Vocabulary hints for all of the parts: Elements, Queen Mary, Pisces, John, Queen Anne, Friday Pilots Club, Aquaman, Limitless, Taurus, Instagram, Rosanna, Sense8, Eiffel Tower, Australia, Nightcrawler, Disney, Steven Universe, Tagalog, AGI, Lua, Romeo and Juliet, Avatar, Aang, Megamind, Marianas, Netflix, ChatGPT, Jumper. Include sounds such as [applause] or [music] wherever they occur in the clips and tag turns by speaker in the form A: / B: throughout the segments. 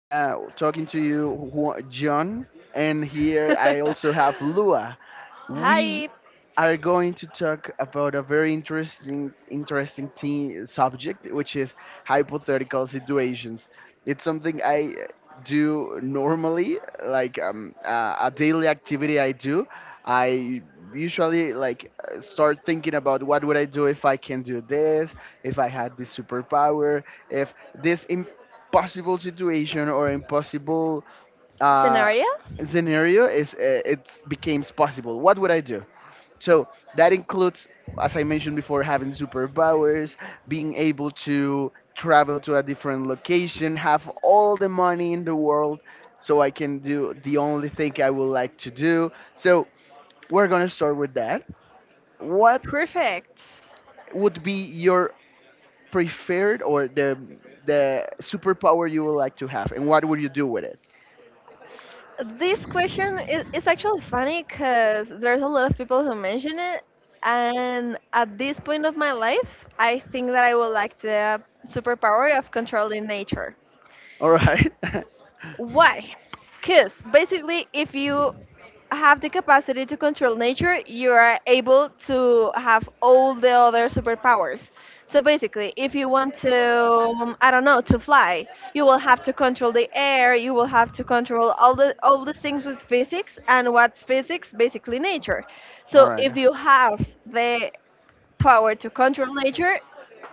A: talking to you, John, and here I also have
B: [laughs]
A: Lua. We
B: Hi,
A: are going to talk about a very interesting thing, subject, which is hypothetical situations. It's something I do normally, like a daily activity I do. I usually like start thinking about what would I do if I can do this, if I had this superpower, if this impossible situation or impossible uh,
B: scenario?
A: scenario is it becomes possible. What would I do? So that includes, as I mentioned before, having superpowers, being able to travel to a different location, have all the money in the world so I can do the only thing I would like to do. So we're going to start with that. What
B: Perfect.
A: would be your preferred, or the superpower you would like to have, and what would you do with it?
B: This question is actually funny because there's a lot of people who mention it, and at this point of my life, I think that I would like the superpower of controlling nature.
A: All right. [laughs]
B: Why? Because basically, if you have the capacity to control nature, you are able to have all the other superpowers. So basically, if you want to, I don't know, to fly, you will have to control the air. You will have to control all the things with physics, and what's physics? Basically, nature.
A: All
B: So
A: right.
B: if you have the power to control nature,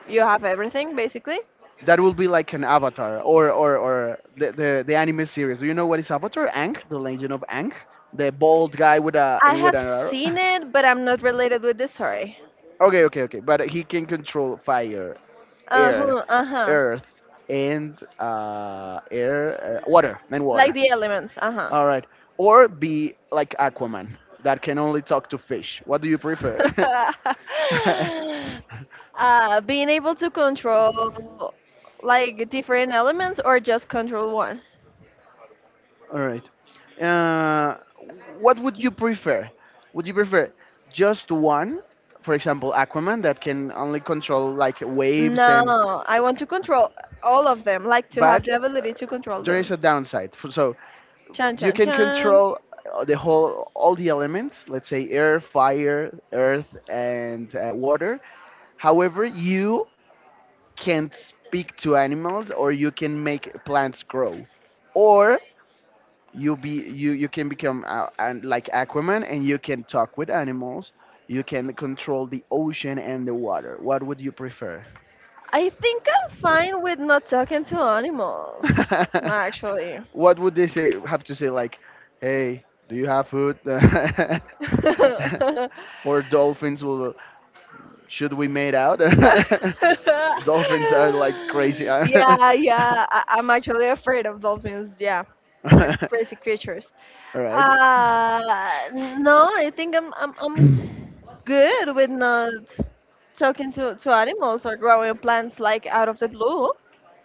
B: you have everything basically.
A: That will be like an Avatar, or the anime series. Do you know what is Avatar? Aang, the Legend of Aang, the bald guy with a
B: I
A: with
B: have
A: an arrow. [laughs]
B: seen it, but I'm not related with the story.
A: Okay, okay, okay. But he can control fire, air,
B: Uh-huh, uh-huh.
A: earth, and air, water, and
B: Like
A: water.
B: the elements, uh-huh.
A: All right. Or be like Aquaman, that can only talk to fish. What do you prefer? [laughs]
B: [laughs] Being able to control like different elements or just control one?
A: All right. Uh, what would you prefer? Would you prefer just one, for example, Aquaman that can only control like waves? And
B: No, I want to control all of them, like to have
A: but
B: the
A: uh,
B: ability to control
A: there
B: them.
A: is a downside. So
B: Chan
A: you
B: chan
A: can
B: chan.
A: control the whole all the elements, let's say air, fire, earth, and water. However, you can't speak to animals, or you can make plants grow, or you be you you can become and like Aquaman, and you can talk with animals. You can control the ocean and the water. What would you prefer?
B: I think I'm fine with not talking to animals,
A: [laughs]
B: actually.
A: What would they say have to say, like, hey, do you have food? [laughs]
B: [laughs]
A: Or dolphins will should we made out?
B: [laughs]
A: [laughs] Dolphins are like crazy. [laughs] All
B: yeah, yeah. I'm actually afraid of dolphins. Yeah, crazy creatures.
A: right.
B: No, I think I'm good with not talking to animals or growing plants like out of the blue.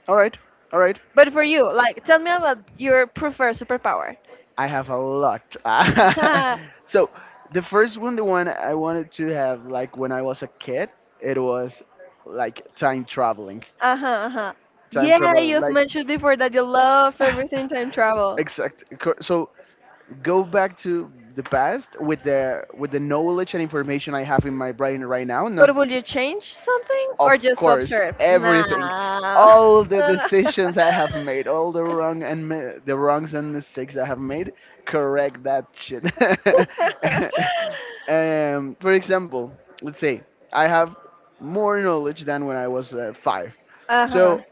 A: All right, all right.
B: But for you, like, tell me about your preferred superpower.
A: I have a lot. [laughs] So
B: [laughs]
A: the first one, the one I wanted to have, like when I was a kid, it was like time traveling.
B: Uh-huh, uh-huh.
A: Time
B: Yeah,
A: travel,
B: you've
A: like,
B: mentioned before that you love everything time
A: [laughs]
B: travel.
A: So go back to the past with the knowledge and information I have in my brain right now, not...
B: But will you change something
A: Of
B: or just
A: course,
B: observe?
A: everything,
B: Nah.
A: all the decisions I have made, all the wrongs and mistakes I have made. Correct that shit. [laughs] For example, let's say I have more knowledge than when I was
B: [laughs]
A: 5,
B: [laughs] Uh-huh.
A: so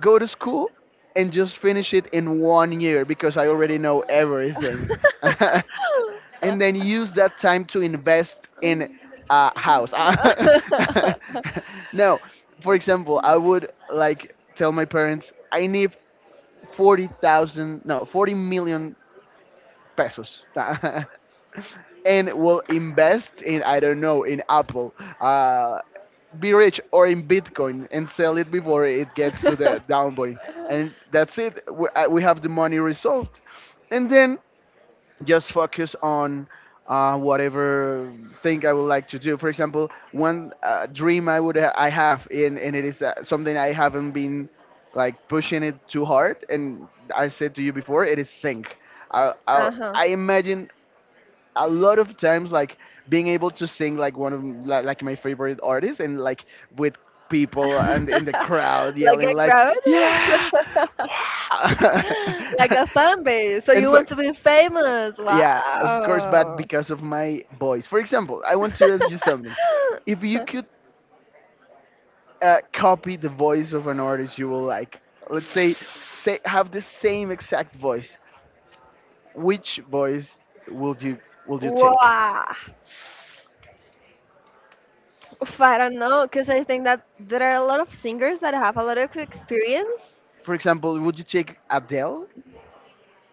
A: go to school and just finish it in one year because I already know everything. [laughs]
B: [laughs]
A: And then use that time to invest in a house. [laughs] No, for example, I would like tell my parents I need 40,000, no, 40 million pesos, [laughs] and will invest in, I don't know, in Apple. Uh, be rich, or in Bitcoin, and sell it before it gets to the down point, and that's it. We have the money resolved, and then just focus on whatever thing I would like to do. For example, one dream I would ha- I have, and it is something I haven't been like pushing it too hard. And I said to you before, it is sing. I I,
B: Uh-huh.
A: I imagine a lot of times, like, being able to sing like like my favorite artists, and, like, with people and in the
B: [laughs]
A: crowd
B: Like
A: yelling
B: a
A: like,
B: crowd?
A: yeah, wow.
B: [laughs] Like a fan base. So
A: [laughs] In
B: you want
A: fact,
B: to be famous.
A: yeah, of course, but
B: Wow.
A: because of my voice. For example, I want to ask you something. If you could copy the voice of an artist you will like, let's say, have the
B: [laughs]
A: same exact voice, which voice would you take?
B: Wow. Oof, I don't know, because I think that there are a lot of singers that have a lot of experience.
A: For example, would you take Adele?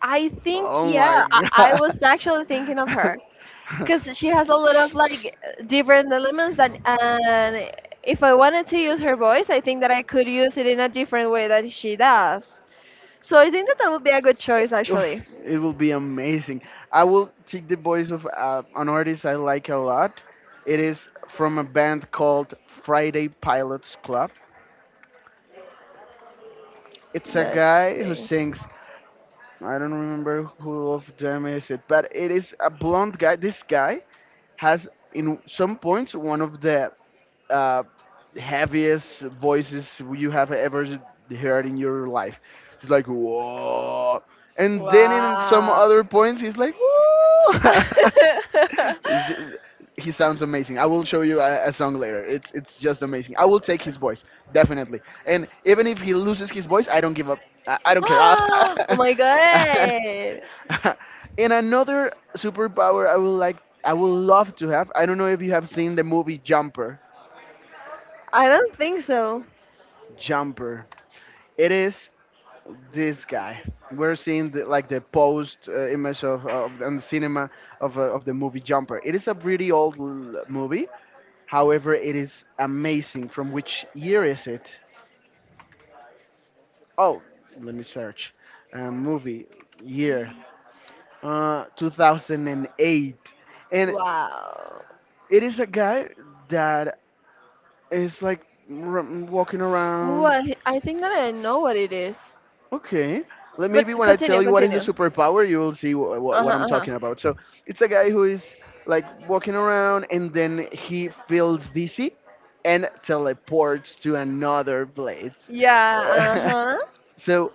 B: I think,
A: Oh
B: yeah,
A: my
B: I was actually thinking of
A: god.
B: her
A: [laughs]
B: because she has a lot of like different elements that, and if I wanted to use her voice, I think that I could use it in a different way that she does. So I think that that would be a good choice,
A: Oof,
B: actually.
A: it will be amazing. I will take the voice of an artist I like a lot. It is from a band called Friday Pilots Club. It's a
B: Let's
A: guy who
B: see.
A: sings. I don't remember who of them is it, but it is a blonde guy. This guy has in some points one of the uh, heaviest voices you have ever heard in your life. It's like whoa, and then in some
B: Wow.
A: other points he's like whoa. [laughs] It's just,
B: [laughs]
A: he sounds amazing. I will show you a song later. It's just amazing. I will take his voice definitely, and even if he loses his voice, I don't give up. I don't care.
B: Oh my
A: [laughs]
B: god.
A: And another superpower I would like, I would love to have. I don't know if you have seen the movie Jumper.
B: I don't think so.
A: jumper. It is this guy. We're seeing the, like, the post image of on the cinema of the movie Jumper. It is a pretty old movie. However, it is amazing. From which year is it? Oh, let me search. Movie year, 2008. And
B: Wow.
A: it is a guy that is like walking around.
B: What? I think that I know what it is.
A: Okay. Let, maybe
B: But
A: when I tell
B: continue,
A: you what is the
B: continue.
A: superpower, you will see
B: Uh
A: what I'm
B: huh, uh huh.
A: talking about. So it's a guy who is like walking around, and then he feels dizzy and teleports to another place.
B: Yeah, uh huh.
A: [laughs] So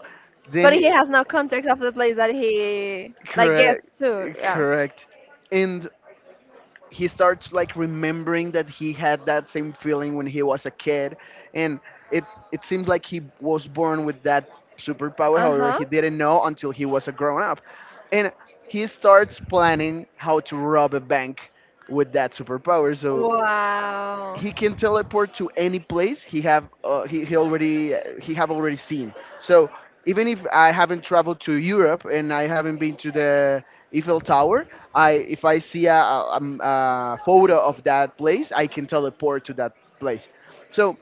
B: But he
A: then,
B: has no context of the place that he like gets
A: correct,
B: to. Yeah.
A: correct. And he starts like remembering that he had that same feeling when he was a kid, and it it seems like he was born with that superpower.
B: Uh
A: However,
B: huh.
A: he didn't know until he was a grown up. And he starts planning how to rob a bank with that superpower. So
B: Wow.
A: he can teleport to any place he have he already he have already seen. So even if I haven't traveled to Europe, and I haven't been to the Eiffel Tower, I if I see a photo of that place, I can teleport to that place. So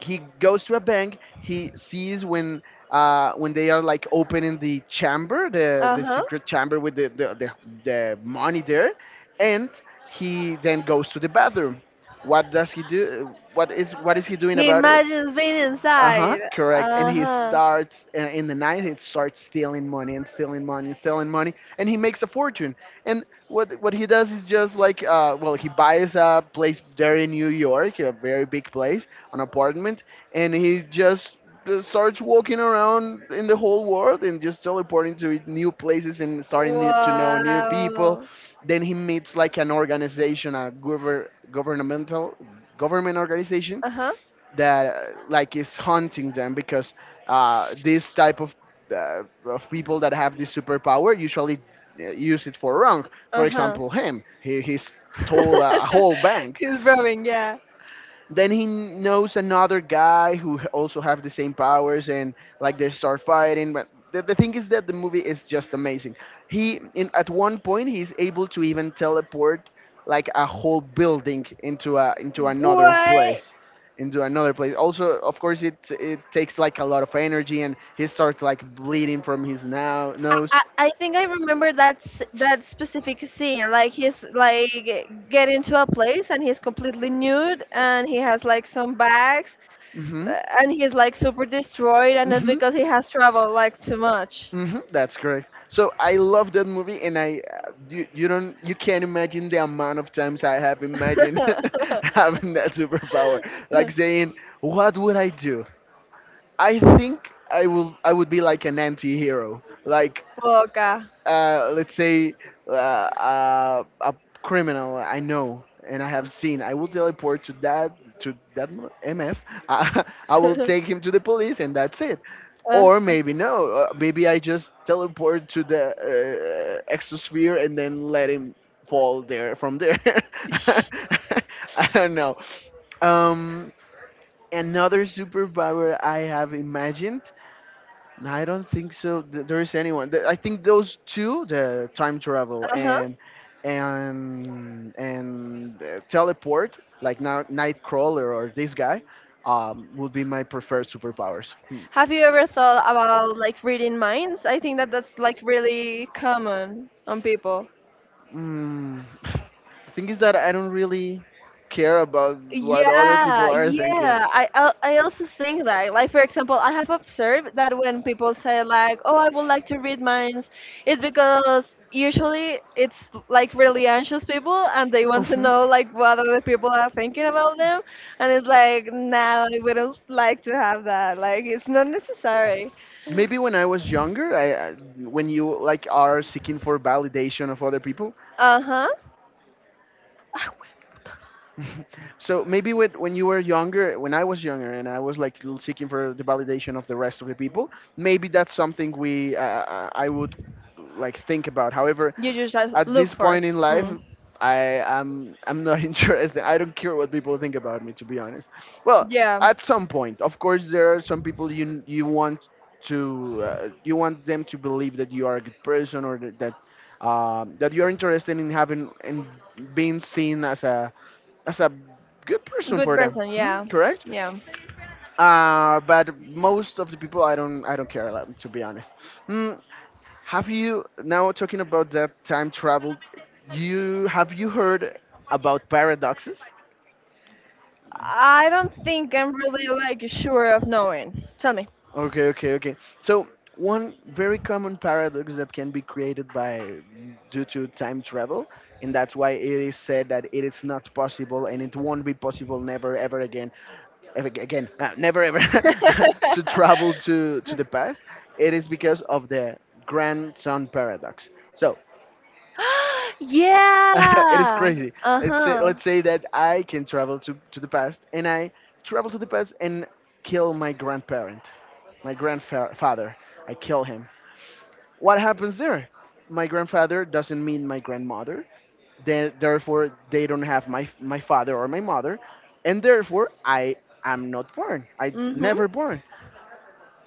A: he goes to a bank. He sees when they are like opening the chamber, the
B: Uh-huh.
A: secret chamber with the money there. And he then goes to the bathroom. What does he do? What is he doing
B: He
A: about it?
B: imagines being
A: Uh huh,
B: inside.
A: correct. And he
B: Uh-huh.
A: starts, in the night, he starts stealing money, and stealing money, and stealing money, and he makes a fortune. And what he does is just like, well, he buys a place there in New York, a very big place, an apartment, and he just starts walking around in the whole world and just teleporting to new places, and to know new people.
B: Wow.
A: Then he meets like an organization, a government organization
B: Uh-huh.
A: that like is haunting them, because this type of people that have this superpower usually use it for wrong. For
B: Uh-huh.
A: example, him, he stole a
B: [laughs]
A: whole bank.
B: He's rubbing, yeah.
A: Then he knows another guy who also have the same powers, and like they start fighting. But the thing is that the movie is just amazing. He, in at one point, he's able to even teleport like a whole building
B: What?
A: into another place also. Of course, it takes like a lot of energy, and he starts like bleeding from his now
B: I,
A: nose.
B: I I think I remember that that specific scene. Like he's like get into a place and he's completely nude and he has like some bags
A: Hmm.
B: and he's like super destroyed and it's
A: Hmm.
B: because he has traveled like too much.
A: Hmm, that's correct. So I love that movie. And you don't, you can't imagine the amount of times I have imagined
B: [laughs]
A: [laughs] having that superpower, like saying, "What would I do?" I think I would be like an anti-hero. Like,
B: Boca.
A: let's say, uh, a criminal I know and I have seen, I will teleport to that, MF. [laughs] I will take him to
B: [laughs]
A: the police, and that's it.
B: uh
A: Or maybe no, maybe I just teleport to the exosphere and then let him fall there from there. [laughs] I don't know. Um, another superpower I have imagined. No, I don't think so. There is anyone. I think those two, the time travel,
B: huh.
A: and teleport, like, now Nightcrawler or this guy, would be my preferred superpowers. Hmm.
B: Have you ever thought about like reading minds? I think that that's like really common on people.
A: Mm. [sighs] The thing is that I don't really care about what other people
B: Yeah,
A: are thinking.
B: yeah. I also think that, like for example, I have observed that when people say like, "Oh, I would like to read minds," it's because usually it's like really anxious people and they want to know like what other people are thinking about them,
A: Mhm.
B: and it's like, "Nah, I wouldn't like to have that. Like, it's not necessary."
A: Maybe when I was younger, when you, like, are seeking for validation of other people.
B: Uh huh. [laughs]
A: [laughs] So maybe when you were younger, when I was younger, and I was like seeking for the validation of the rest of the people, maybe that's something we I would like think about. However,
B: You just have
A: at
B: look
A: this
B: for it.
A: point in life,
B: Mm.
A: I I'm not [laughs] interested. I don't care what people think about me, to be honest. Well,
B: Yeah,
A: at some point of course there are some people you want to you want them to believe that you are a good person or that you're interested in having and being seen as a good person
B: good
A: for them.
B: person.
A: Hmm,
B: Yeah,
A: correct.
B: yeah.
A: But most of the people I don't care, like, to be honest. Hmm, have you now talking about that time travel, you have you heard about paradoxes?
B: I don't think I'm really like sure of knowing. Tell me.
A: Okay, okay, okay. So one very common paradox that can be created by due to time travel, and that's why it is said that it is not possible and it won't be possible never ever again, ever again, never ever [laughs] to
B: [laughs]
A: travel to the
B: [gasps]
A: past. It is because of the grandson paradox. So [laughs] it is
B: yeah.
A: crazy.
B: Uh huh.
A: Let's say that I can travel to the past and I travel to the past and kill my grandparent, my grandfather. I kill him. What happens there? My grandfather doesn't mean my grandmother. Then, therefore, they don't have my father or my mother. And therefore, I am not born. I
B: Mhm.
A: never born.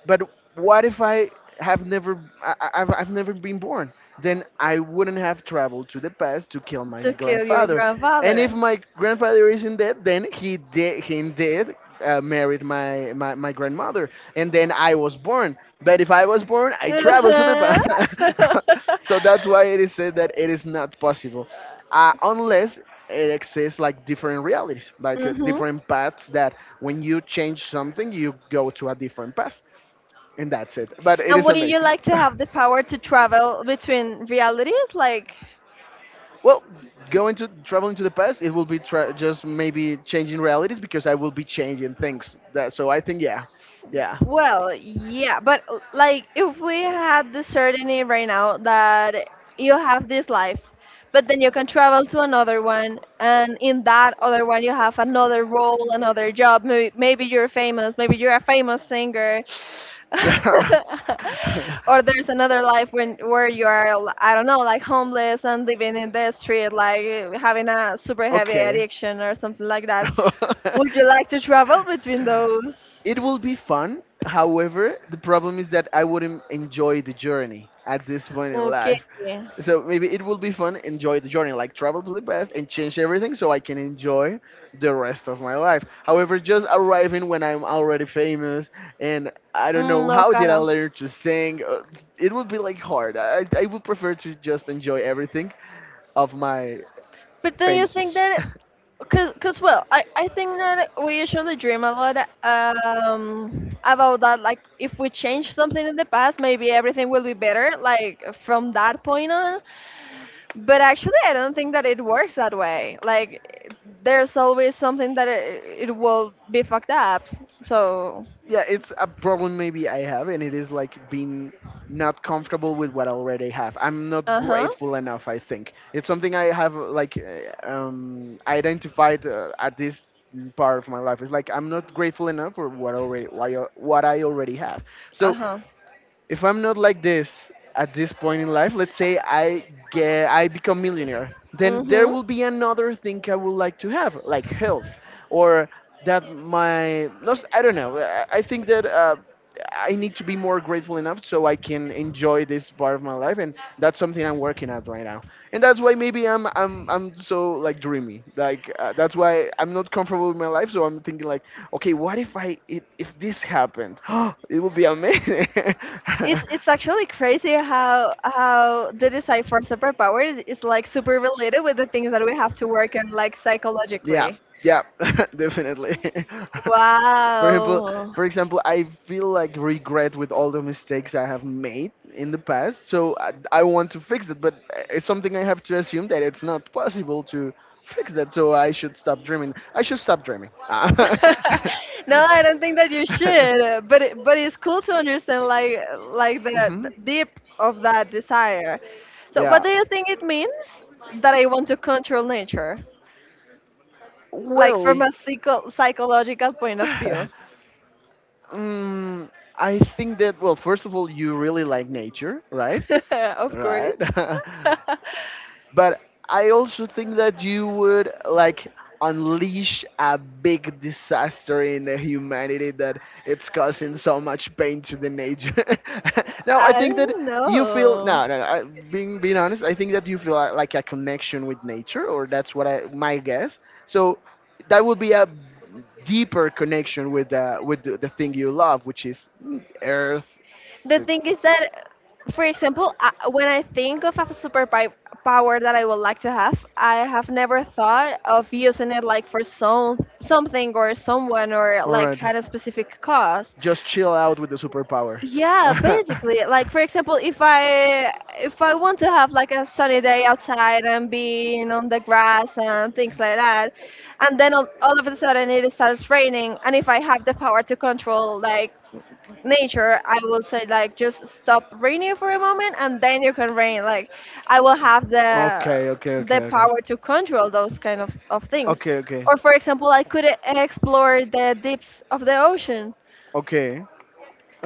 A: But what if I have never I've never been born? Then I wouldn't have traveled to the past to kill my
B: To kill your
A: grandfather. And if
B: grandfather.
A: my grandfather isn't dead, then he indeed married my grandmother, and then I was born. But if I was born, I
B: Uh
A: traveled to the
B: huh.
A: past. [laughs] So that's why it is said that it is not possible, unless it exists like different realities,
B: [laughs]
A: like
B: mhm.
A: different paths that when you change something, you go to a different path, and that's it. But it
B: And
A: is
B: wouldn't you
A: amazing.
B: like to have the power to travel between realities? Like,
A: [laughs] Well, going to traveling to the past, it will be just maybe changing realities because I will be changing things. That, so I think yeah, yeah.
B: well, yeah, but like if we had the certainty right now that you have this life, but then you can travel to another one, and in that other one you have another role, another job. Maybe, maybe you're famous, maybe you're a famous singer, [laughs] or there's another life when where you are I don't know like homeless and living in the street like eh, having a super
A: [laughs]
B: heavy
A: Okay.
B: addiction or something like that. Would you like
A: [laughs]
B: to travel between those?
A: It will be fun. However, the problem is that I wouldn't enjoy the journey at this point in
B: Okay.
A: life. So maybe it will be fun, enjoy the journey, like travel to the past and change everything so I can enjoy the rest of my life. However, just arriving when I'm already famous and I don't
B: Mm,
A: know how
B: okay.
A: did I learn to sing, it would be like hard. I would prefer to just enjoy everything of my
B: But don't you
A: famous
B: think
A: history. [laughs]
B: that Cause, well, I think that we usually dream a lot about that. Like, if we change something in the past, maybe everything will be better. Like from that point on. But actually, I don't think that it works that way. Like, there's always something that it will be fucked up. So,
A: Yeah, it's a problem maybe I have, and it is like being not comfortable with what I already have. I'm not
B: uh huh,
A: grateful enough. I think it's something I have like identified at this part of my life. It's like I'm not grateful enough for what already why, what I already have.
B: uh
A: So
B: huh.
A: if I'm not like this at this point in life, let's say I become millionaire, then there
B: Mhm.
A: will be another thing I would like to have, like health, or that my no, I don't know. I think that I need to be more grateful enough so I can enjoy this part of my life, and that's something I'm working at right now. And that's why maybe I'm so like dreamy. Like that's why I'm not comfortable with my life, so I'm thinking like okay, what if if this happened? [gasps] It would be amazing. [laughs]
B: It's actually crazy how the desire for superpowers is like super related with the things that we have to work on, like
A: Yeah,
B: psychologically.
A: yeah, [laughs] definitely. [laughs] for example,
B: Wow.
A: for example, I feel like regret with all the mistakes I have made in the past. So I want to fix it, but it's something I have to assume that it's not possible to fix that. So I should stop dreaming. I should stop dreaming. [laughs]
B: [laughs] No, I don't think that you should. But but it's cool to understand like the
A: Mhm.
B: deep of that desire. So what
A: Yeah.
B: do you think it means that I want to control nature? Like
A: Well.
B: from a psycho psychological point of
A: [sighs]
B: view.
A: [laughs] Mm, I think that well, first of all, you really like nature, right?
B: [laughs] Of course.
A: Right.
B: [laughs]
A: [laughs] But I also think that you would like unleash a big disaster in the humanity that it's causing so much pain to the nature. [laughs] Now I
B: I
A: think that
B: don't
A: you feel
B: know.
A: no, no, no being being honest, I think that you feel like a connection with nature, or that's what I my guess. So that would be a deeper connection with the thing you love, which is earth.
B: The
A: The,
B: thing is that, for example, I, when I think of a power that I would like to have, I have never thought of using it like for some something or someone or
A: All right.
B: like at a specific cause.
A: Just chill out with the superpower. [laughs]
B: Yeah, basically, like for example, if I want to have like a sunny day outside and being on the grass and things like that, and then all of a sudden it starts raining, and if I have the power to control like nature, I will say like just stop raining for a moment and then you can rain. Like I will have the
A: Okay, okay, okay, okay.
B: power to control those kind of things.
A: Okay, okay.
B: Or for example, I could explore the deeps of the ocean
A: Okay.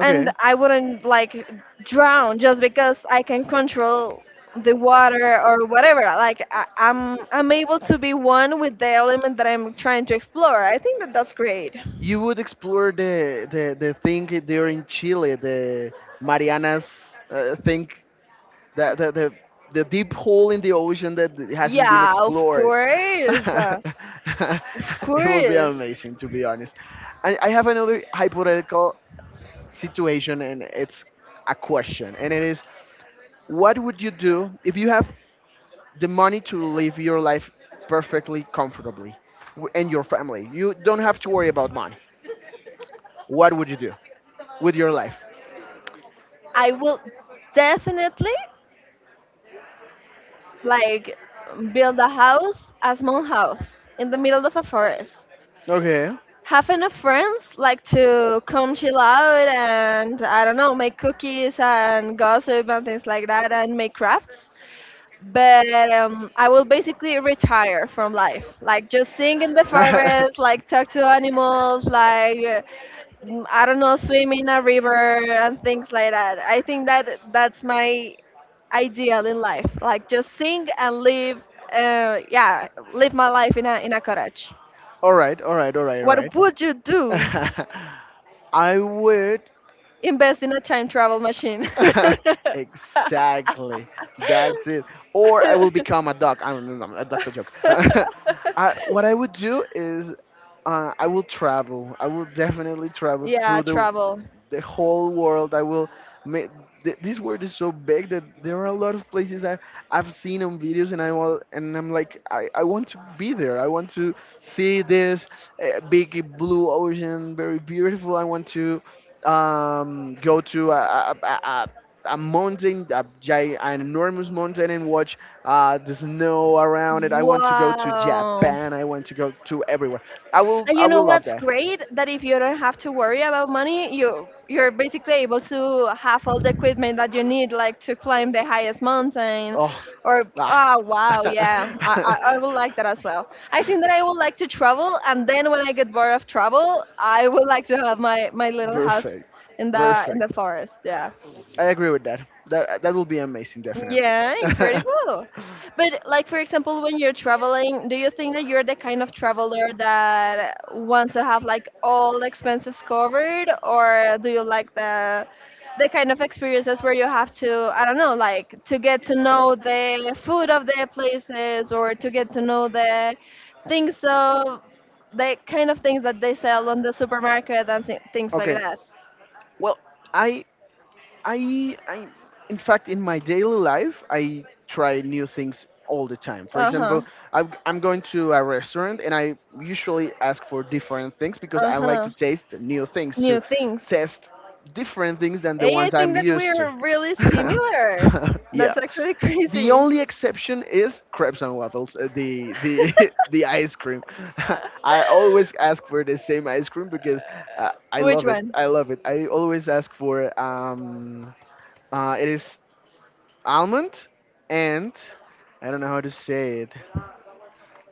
B: and I wouldn't like drown just because I can control the water or whatever. Like I'm able to be one with the element that I'm trying to explore. I think that that's great.
A: You would explore the thing there in Chile, the Marianas thing the the the, the deep hole in the ocean that hasn't been
B: Yeah, of
A: explored. [laughs]
B: course. Of
A: It will be
B: course.
A: amazing, to be honest. I have another hypothetical situation, and it's a question, and it is, what would you do if you have the money to live your life perfectly comfortably and your family, you don't have to worry about money? What would you do with your life?
B: I will definitely like build a house, a small house in the middle of a forest.
A: Okay.
B: Have enough friends like to come chill out and I don't know, make cookies and gossip and things like that and make crafts. But I will basically retire from life, like just sing in the forest,
A: [laughs]
B: like talk to animals, like mm, I don't know, swim in a river and things like that. I think that that's my ideal in life, like just sing and live, yeah, live my life in a cottage.
A: All right, all right, all right, all
B: What
A: right.
B: would you do?
A: [laughs] I would.
B: Invest in a time travel machine.
A: [laughs] Exactly. That's it. Or I will become a dog. I don't know. That's a joke. [laughs] What I would
B: [laughs]
A: do is I will travel. I will definitely travel
B: Yeah,
A: through
B: travel.
A: the whole world. I will. ma- This world is so big that there are a lot of places I've seen on videos, and I'm like, I want to be there. I want to see this big blue ocean, very beautiful. I want to go to a mountain, an enormous mountain, and watch the snow around it. I want to go to
B: Wow.
A: Japan. I want to go to everywhere.
B: And
A: I
B: you
A: will
B: know
A: love
B: what's
A: that.
B: great? That if you don't have to worry about money, you're basically able to have all the equipment that you need, like to climb the highest mountain,
A: Oh,
B: or
A: nah.
B: oh wow, yeah,
A: [laughs]
B: I would like that as well. I think that I would like to travel, and then when I get bored of travel, I would like to have my little house
A: Perfect.
B: in the
A: Perfect.
B: forest. Yeah.
A: I agree with that. That that will be amazing, definitely.
B: Yeah,
A: [laughs]
B: incredible. But like for example, when you're traveling, do you think that you're the kind of traveler that wants to have like all expenses covered, or do you like the kind of experiences where you have to, I don't know, like to get to know the food of the places or to get to know the things of the kind of things that they sell on the supermarket and things like
A: Okay.
B: that.
A: Well, I I, in fact, in my daily life, I try new things all the time. For
B: Uh-huh.
A: example, I'm going to a restaurant and I usually ask for different things because I like to
B: Uh-huh.
A: taste new things, to
B: New things.
A: test different things than the
B: Hey, I
A: ones
B: think
A: I'm
B: that we
A: used
B: are really
A: to.
B: similar.
A: [laughs] Yeah.
B: That's actually
A: The
B: crazy.
A: only exception is crepes and waffles, the [laughs] the ice cream. [laughs] I always
B: [laughs]
A: ask for the same ice cream because I
B: Which
A: love it.
B: one?
A: I love it. I always ask for it is almond and I don't know how to say it.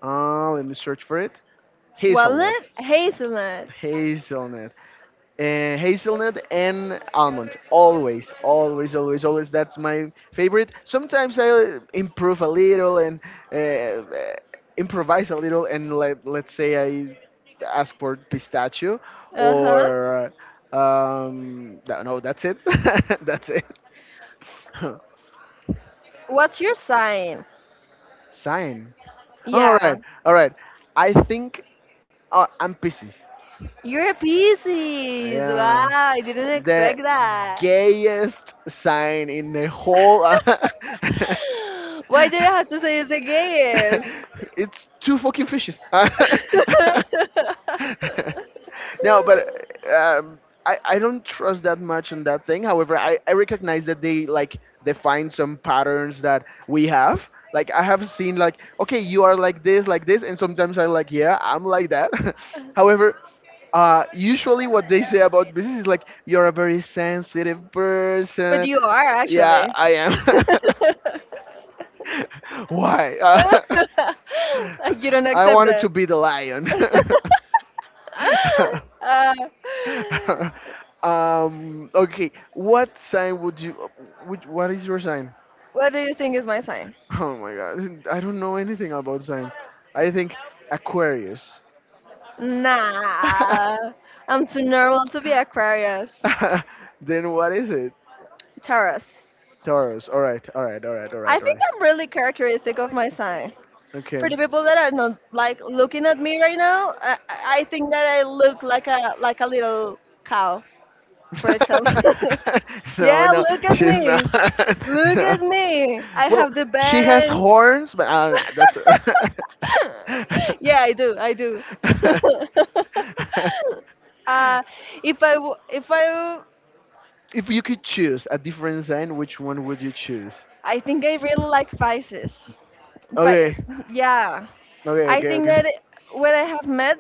A: Let me search for it. Hazelnut.
B: Walnut? Hazelnut.
A: Hazelnut. Uh, hazelnut and almond. Always, always, always, always. That's my favorite. Sometimes I improve a little and uh, uh, improvise a little, and let's say I ask for pistachio
B: Uh huh.
A: or. No, no, that's it. [laughs] That's it.
B: What's your sign?
A: [laughs] Sign. All
B: Yeah.
A: right, all right. I think I'm Pisces.
B: You're a Pisces. Wow,
A: Yeah,
B: I didn't
A: the
B: expect that.
A: gayest sign in the whole. [laughs]
B: [laughs] Why do you have to say it's the gayest?
A: It's two fucking fishes. [laughs] No, but
B: [laughs]
A: um, I don't trust that much on that thing. However, I recognize that they like define some patterns that we have. Like I have seen like okay, you are like this, and sometimes I'm like yeah, I'm like that. [laughs] However, usually what they say about business is like you're a very sensitive
B: But
A: person.
B: you are
A: Yeah,
B: actually.
A: I am.
B: [laughs]
A: [laughs] Why?
B: Like you don't
A: [laughs] I
B: accept
A: wanted to
B: that.
A: be the lion.
B: [laughs]
A: [laughs]
B: uh,
A: Um, okay, what sign would you? Which, what is your sign?
B: what do you think is my sign?
A: Oh my god, I don't know anything about signs. I think Aquarius.
B: Nah, I'm too normal to be Aquarius.
A: [laughs] Then what is it?
B: Taurus.
A: Taurus. All right, all right, all right, all
B: I
A: right, all
B: think
A: right.
B: I'm really characteristic of my sign.
A: Okay.
B: For the people that are not like looking at me right now, I think that I look like a little cow, for example.
A: [laughs]
B: [laughs]
A: No,
B: yeah,
A: no,
B: look at
A: she's not.
B: me.
A: [laughs]
B: Look
A: No.
B: at me. I
A: Well,
B: have the
A: she has
B: bangs.
A: horns, but I don't know.
B: [laughs] yeah, I do. I do.
A: That's.
B: [laughs] uh,
A: [laughs]
B: if I w-
A: If you could choose a different sign, which one would you choose?
B: I think I really like Pisces, but
A: Okay,
B: yeah,
A: okay,
B: I
A: okay,
B: think
A: okay.
B: that when I have met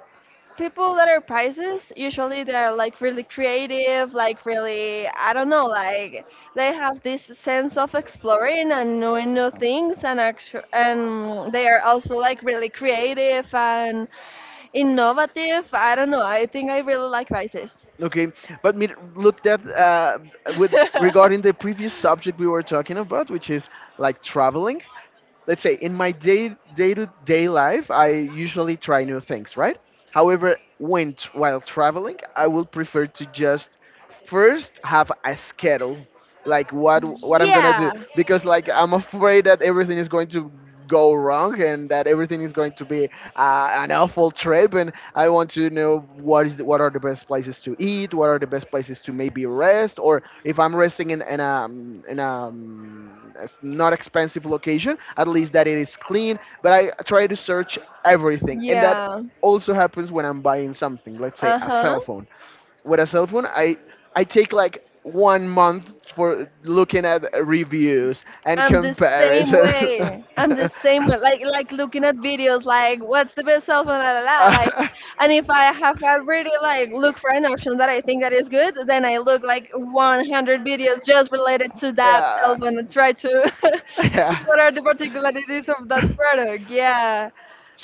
B: people that are prizes usually they're like really creative like really I don't know like they have this sense of exploring and knowing new things and and they are also like really creative and innovative I don't know I think I really like prizes
A: Okay, but me looked at with regarding the
B: [laughs]
A: previous subject we were talking about, which is like traveling. Let's say in my day life I usually try new things, right? However, while traveling I will prefer to just first have a schedule, like what I'm gonna do,
B: yeah
A: because like I'm afraid that everything is going to go wrong and that everything is going to be an awful trip, and I want to know what is the, what are the best places to eat, what are the best places to maybe rest, or if I'm resting in a, not expensive location, at least that it is clean. But I try to search everything, and that
B: yeah
A: also happens when I'm buying something, let's say a
B: uh-huh
A: cell phone. I take like 1 month for looking at reviews and
B: I'm the same
A: comparison.
B: way. I'm the same way. Like looking at videos, like
A: [laughs]
B: what's the best cell phone, la la la. Like,
A: [laughs]
B: and if I have already like look for an option that I think that is good, then I look like 100 videos just related to that cell
A: Yeah,
B: phone and try to [laughs] see
A: yeah.
B: what are the particularities of that product. Yeah,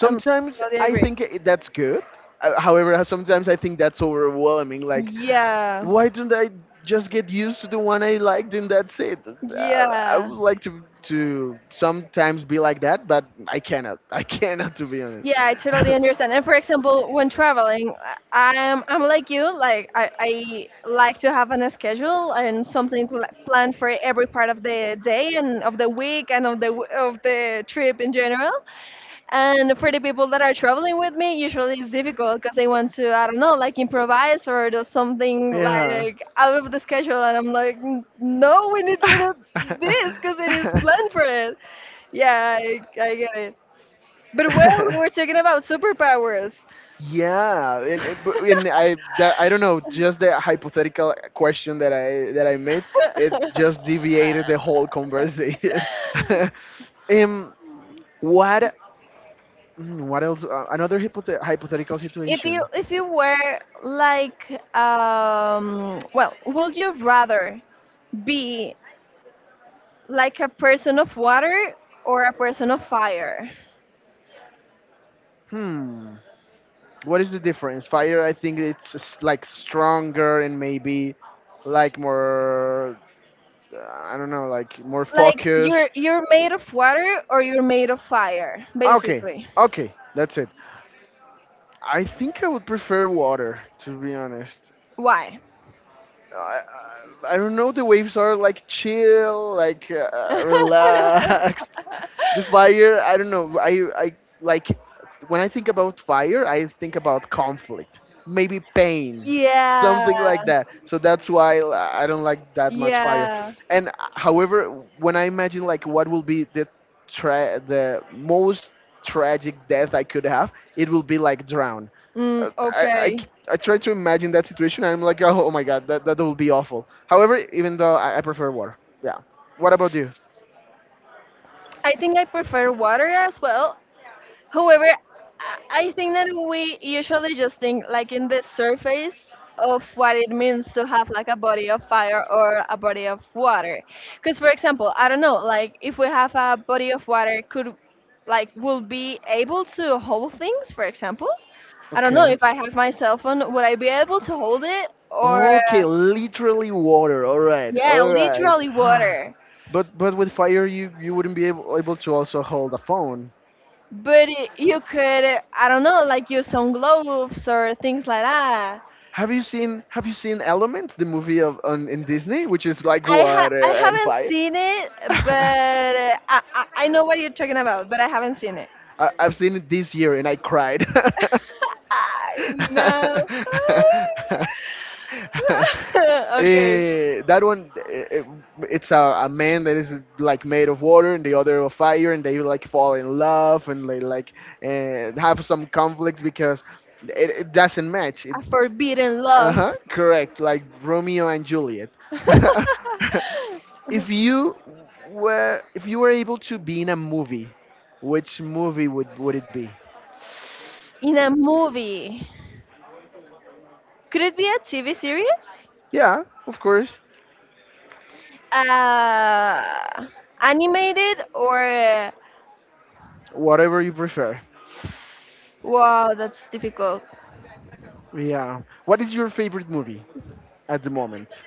B: I'm totally
A: I
B: agree.
A: think that's good. However, sometimes I think that's overwhelming. Like,
B: Yeah,
A: why don't I just get used to the one I liked and that's it? I
B: yeah.
A: would like to sometimes be like that, but I cannot. [laughs] I cannot, to be honest.
B: Yeah, I totally understand. And for example, when traveling, I'm like you. Like I like
A: [laughs]
B: to have on a schedule and something planned for every part of the day and of the week and of the of the trip in general. And for the people that are traveling with me, usually it's difficult because they want to, I don't know, like improvise or do something
A: Yeah.
B: like out of the schedule. And I'm like, "No, we need to do this because it is
A: [laughs]
B: planned for it." Yeah, I get it. But well, we were talking about superpowers.
A: Yeah, and but-
B: [laughs]
A: and I that, I don't know, just the hypothetical question that I made, it just deviated the whole conversation. [laughs] Um, what mm, what else? Another hypothetical
B: if you
A: situation.
B: if you were like, well, would you rather be like a person of water or a person of fire?
A: Hmm. What is the difference? Fire, I think it's like stronger and maybe like more, I don't know, like more
B: Like you're
A: focused.
B: you're made of water or you're made of fire,
A: Okay,
B: basically.
A: okay, that's it. I think I would prefer water, to be honest.
B: Why?
A: I, I don't know, the waves are like chill, like [laughs] relaxed. The fire,
B: [laughs]
A: I don't know, I like when I think about fire I think about conflict, maybe pain,
B: Yeah.
A: something like that, so that's why I don't like that much fire.
B: Yeah.
A: And however, when I imagine like what will be the the most tragic death I could have, it will be like drown.
B: Mm,
A: uh, I, I, c-
B: okay.
A: I try to imagine that situation and I'm like, oh, oh my god, that, that will be awful. However, even though I prefer water, yeah. What about you?
B: I think I prefer water as well. However, I think that we usually just think like in the surface of what it means to have like a body of fire or a body of water. Because, for example, I don't know, like if we have a body of water, could, like, will be able to hold things, for example? I don't know,
A: Okay.
B: if I have my cell phone, would I be able to hold it? Or
A: Okay, literally water. All right,
B: yeah,
A: all right.
B: literally
A: [sighs]
B: water.
A: But with fire, you wouldn't be able, able to also hold a phone.
B: But it, you could, I don't know, like use some gloves or things like that.
A: Have you seen Elements, the movie of on in Disney, which is like water
B: I
A: and
B: haven't
A: fire?
B: seen it,
A: [laughs] I,
B: but I I know what you're talking about, but I haven't seen it.
A: I've seen it this year and I cried. [laughs]
B: [laughs] I know.
A: [laughs]
B: [laughs] Okay,
A: Eh, that one, eh, eh, it's a man that is like made of water and the other of fire, and they like fall in love and they like have some conflicts because it doesn't match. It,
B: a forbidden love.
A: uh-huh, correct, like Romeo and Juliet.
B: [laughs]
A: [laughs] if you if you were able to be in a movie, which movie would it be?
B: In a movie. Could it be a TV series?
A: Yeah, of course,
B: Uh, animated or
A: whatever you prefer.
B: wow, that's difficult.
A: Yeah. What is your favorite movie at the moment,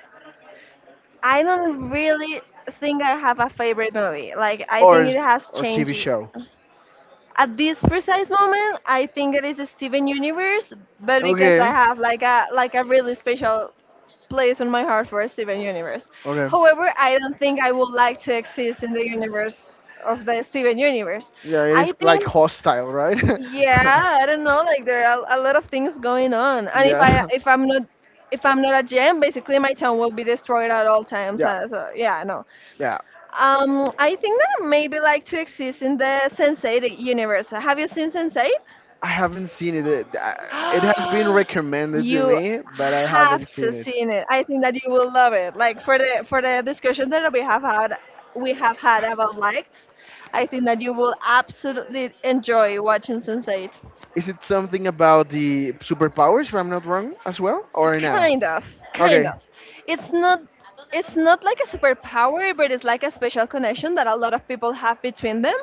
B: I don't really think I have a favorite movie. Like I think
A: or
B: it has
A: or TV
B: changed
A: show?
B: at this precise moment. I think it is Steven Universe, but because I
A: Okay.
B: have like a really special place in my heart for Steven Universe.
A: Okay.
B: However, I don't think I would like to exist in the universe of the Steven Universe.
A: Yeah, it is
B: I
A: like
B: think,
A: hostile, right?
B: yeah,
A: [laughs]
B: I don't know, like there are a lot of things going on. And if
A: Yeah.
B: I if I'm not if I'm not a gem, basically my town will be destroyed at all times.
A: Yeah.
B: So yeah, no,
A: Yeah.
B: I think that maybe like to exist in the Sense8 universe. Have you seen Sense8?
A: I haven't seen it. It has been
B: [gasps]
A: recommended to
B: You
A: me, but I haven't
B: have to
A: seen it.
B: see it. I think that you will love it. Like for the discussion that we have had about likes, I think that you will absolutely enjoy watching Sense8.
A: Is it something about the superpowers, if I'm not wrong, as well, or no?
B: Kind of, kind
A: Okay.
B: of. It's not, it's not like a superpower, but it's like a special connection that a lot of people have between them.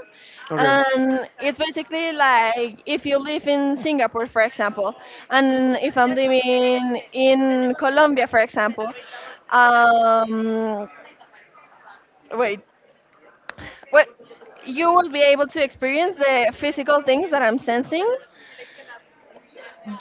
A: Okay.
B: And it's basically like if you live in Singapore, for example, and if I'm living in Colombia, for example, um, wait, what you will be able to experience the physical things that I'm sensing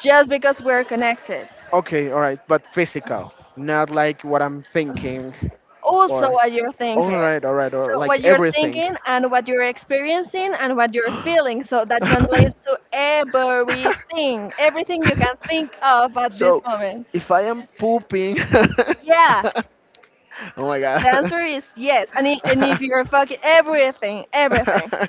B: just because we're connected.
A: Okay. All right. But physical, not like what I'm thinking.
B: Also
A: Or,
B: what you're thinking.
A: all right,
B: So
A: or like
B: what you're
A: everything.
B: thinking and what you're experiencing and what you're feeling.
A: [laughs]
B: So that translates to everything, everything you can think of at this
A: So,
B: moment.
A: if I am pooping, [laughs]
B: Yeah,
A: oh my
B: the
A: god.
B: answer is yes. And if you're fucking, everything, everything.
A: [laughs] [laughs]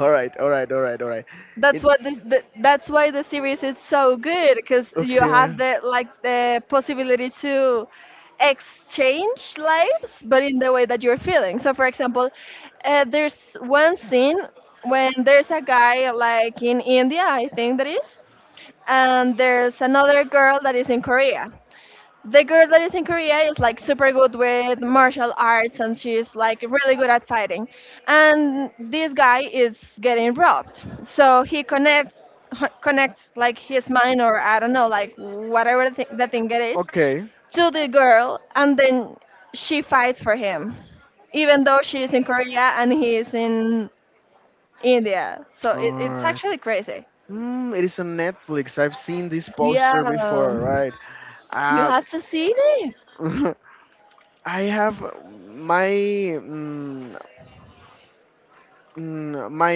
A: All right, all right, all right, all right.
B: That's
A: In,
B: what this, the, that's why the series is so good, because you have
A: okay.
B: the like the possibility to exchange lives, but in the way that you're feeling. So, for example, there's one scene when there's a guy like in India, I think that is, and there's another girl that is in Korea. The girl that is in Korea is like super good with martial arts and she's like really good at fighting. And this guy is getting robbed. So he connects [laughs] connects like his mind, or I don't know, like whatever the thing it is,
A: Okay.
B: to the girl, and then she fights for him even though she is in Korea and he is in India. So it, it's
A: Alright.
B: actually crazy.
A: Mm, it is on Netflix. I've seen this poster
B: Yeah.
A: before, right?
B: You
A: Uh,
B: have to see it.
A: [laughs] I have my mm, my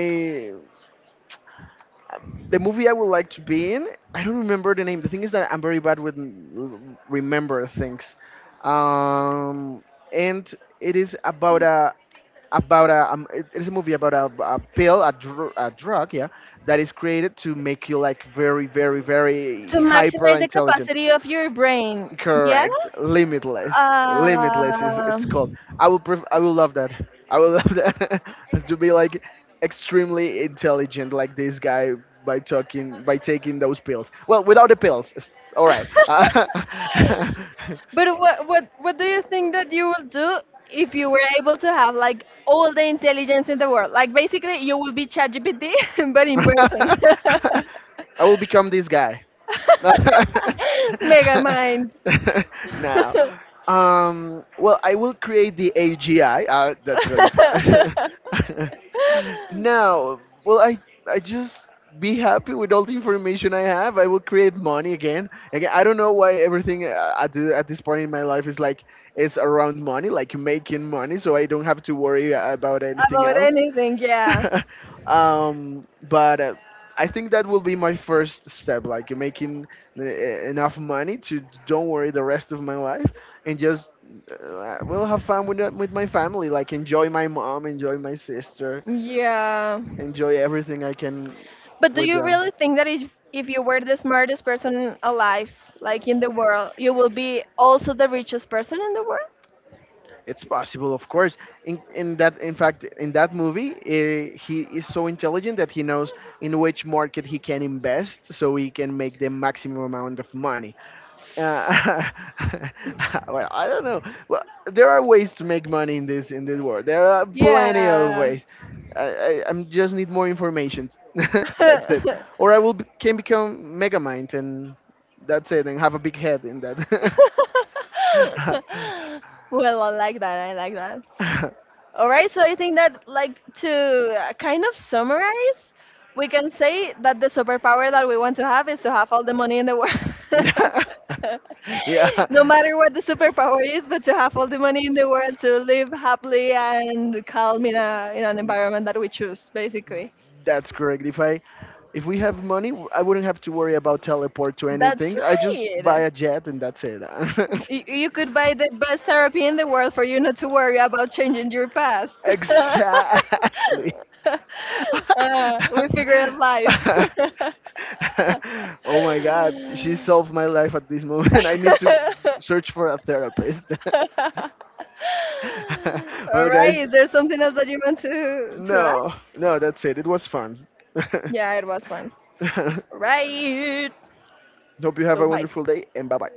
A: the movie I would like to be in, I don't remember the name. The thing is that I'm very bad with remember things, um, and it is about a it is a movie about a pill, a, a drug, yeah, that is created to make you like very, very, very
B: To
A: hyper
B: maximize the
A: intelligent.
B: capacity of your brain. Yeah.
A: Correct. Limitless. Limitless is
B: Uh,
A: it's called. I will love that. I will love that [laughs] to be like extremely intelligent like this guy by taking those pills. Well, without the pills. All right. [laughs]
B: [laughs] but what do you think that you will do if you were able to have like all the intelligence in the world? Like basically, you will be ChatGPT, [laughs] but in person.
A: I
B: [laughs]
A: will become this guy. No.
B: Mega mind.
A: [laughs] Now,
B: [laughs]
A: well, I will create the AGI. That's like a good. [laughs] Now, I just be happy with all the information I have. I will create money again. Again, I don't know why everything I do at this point in my life is like it's around money, like making money, so I don't have to worry about anything.
B: About anything, yeah.
A: [laughs] But I think that will be my first step, like making enough money to don't worry the rest of my life and just will have fun with with my family, like enjoy my mom, enjoy my sister,
B: Yeah.
A: enjoy everything I can
B: But do
A: with
B: you
A: them.
B: really think that if you were the smartest person alive, like in the world, you will be also the richest person in the world?
A: It's possible, of course. In fact, in that movie, he is so intelligent that he knows in which market he can invest, so he can make the maximum amount of money. Uh, [laughs] well, I don't know. Well, there are ways to make money in this world. There are plenty of
B: Yeah.
A: ways. I just need more information. [laughs] That's it.
B: [laughs]
A: Or I will be, can become Megamind, and that's it. And have a big head in that.
B: Well, I like that. I like that. All right, so I think that, like, to kind of summarize, we can say that the superpower that we want to have is to have all the money in the world. [laughs] No matter what the superpower is, but to have all the money in the world to live happily and calm in, a, in an
A: [laughs] Yeah.
B: environment that we choose, basically.
A: That's correct. If we have money, I wouldn't have to worry about teleport to
B: That's
A: anything. I just buy
B: right.
A: a jet and that's it.
B: You could buy the best therapy in the world for you not to worry about changing your past.
A: [laughs]
B: [laughs]
A: Exactly. [laughs]
B: We figure out life. [laughs] All
A: Oh my god, she solved my life at this moment. [laughs] I need to search for a therapist. [laughs] Well,
B: right,
A: guys,
B: is there something else that you want to add?
A: no, no, that's it. It was fun.
B: Yeah, it was fun. All
A: [laughs]
B: right.
A: Hope you have
B: So
A: a
B: bye.
A: wonderful day and bye bye.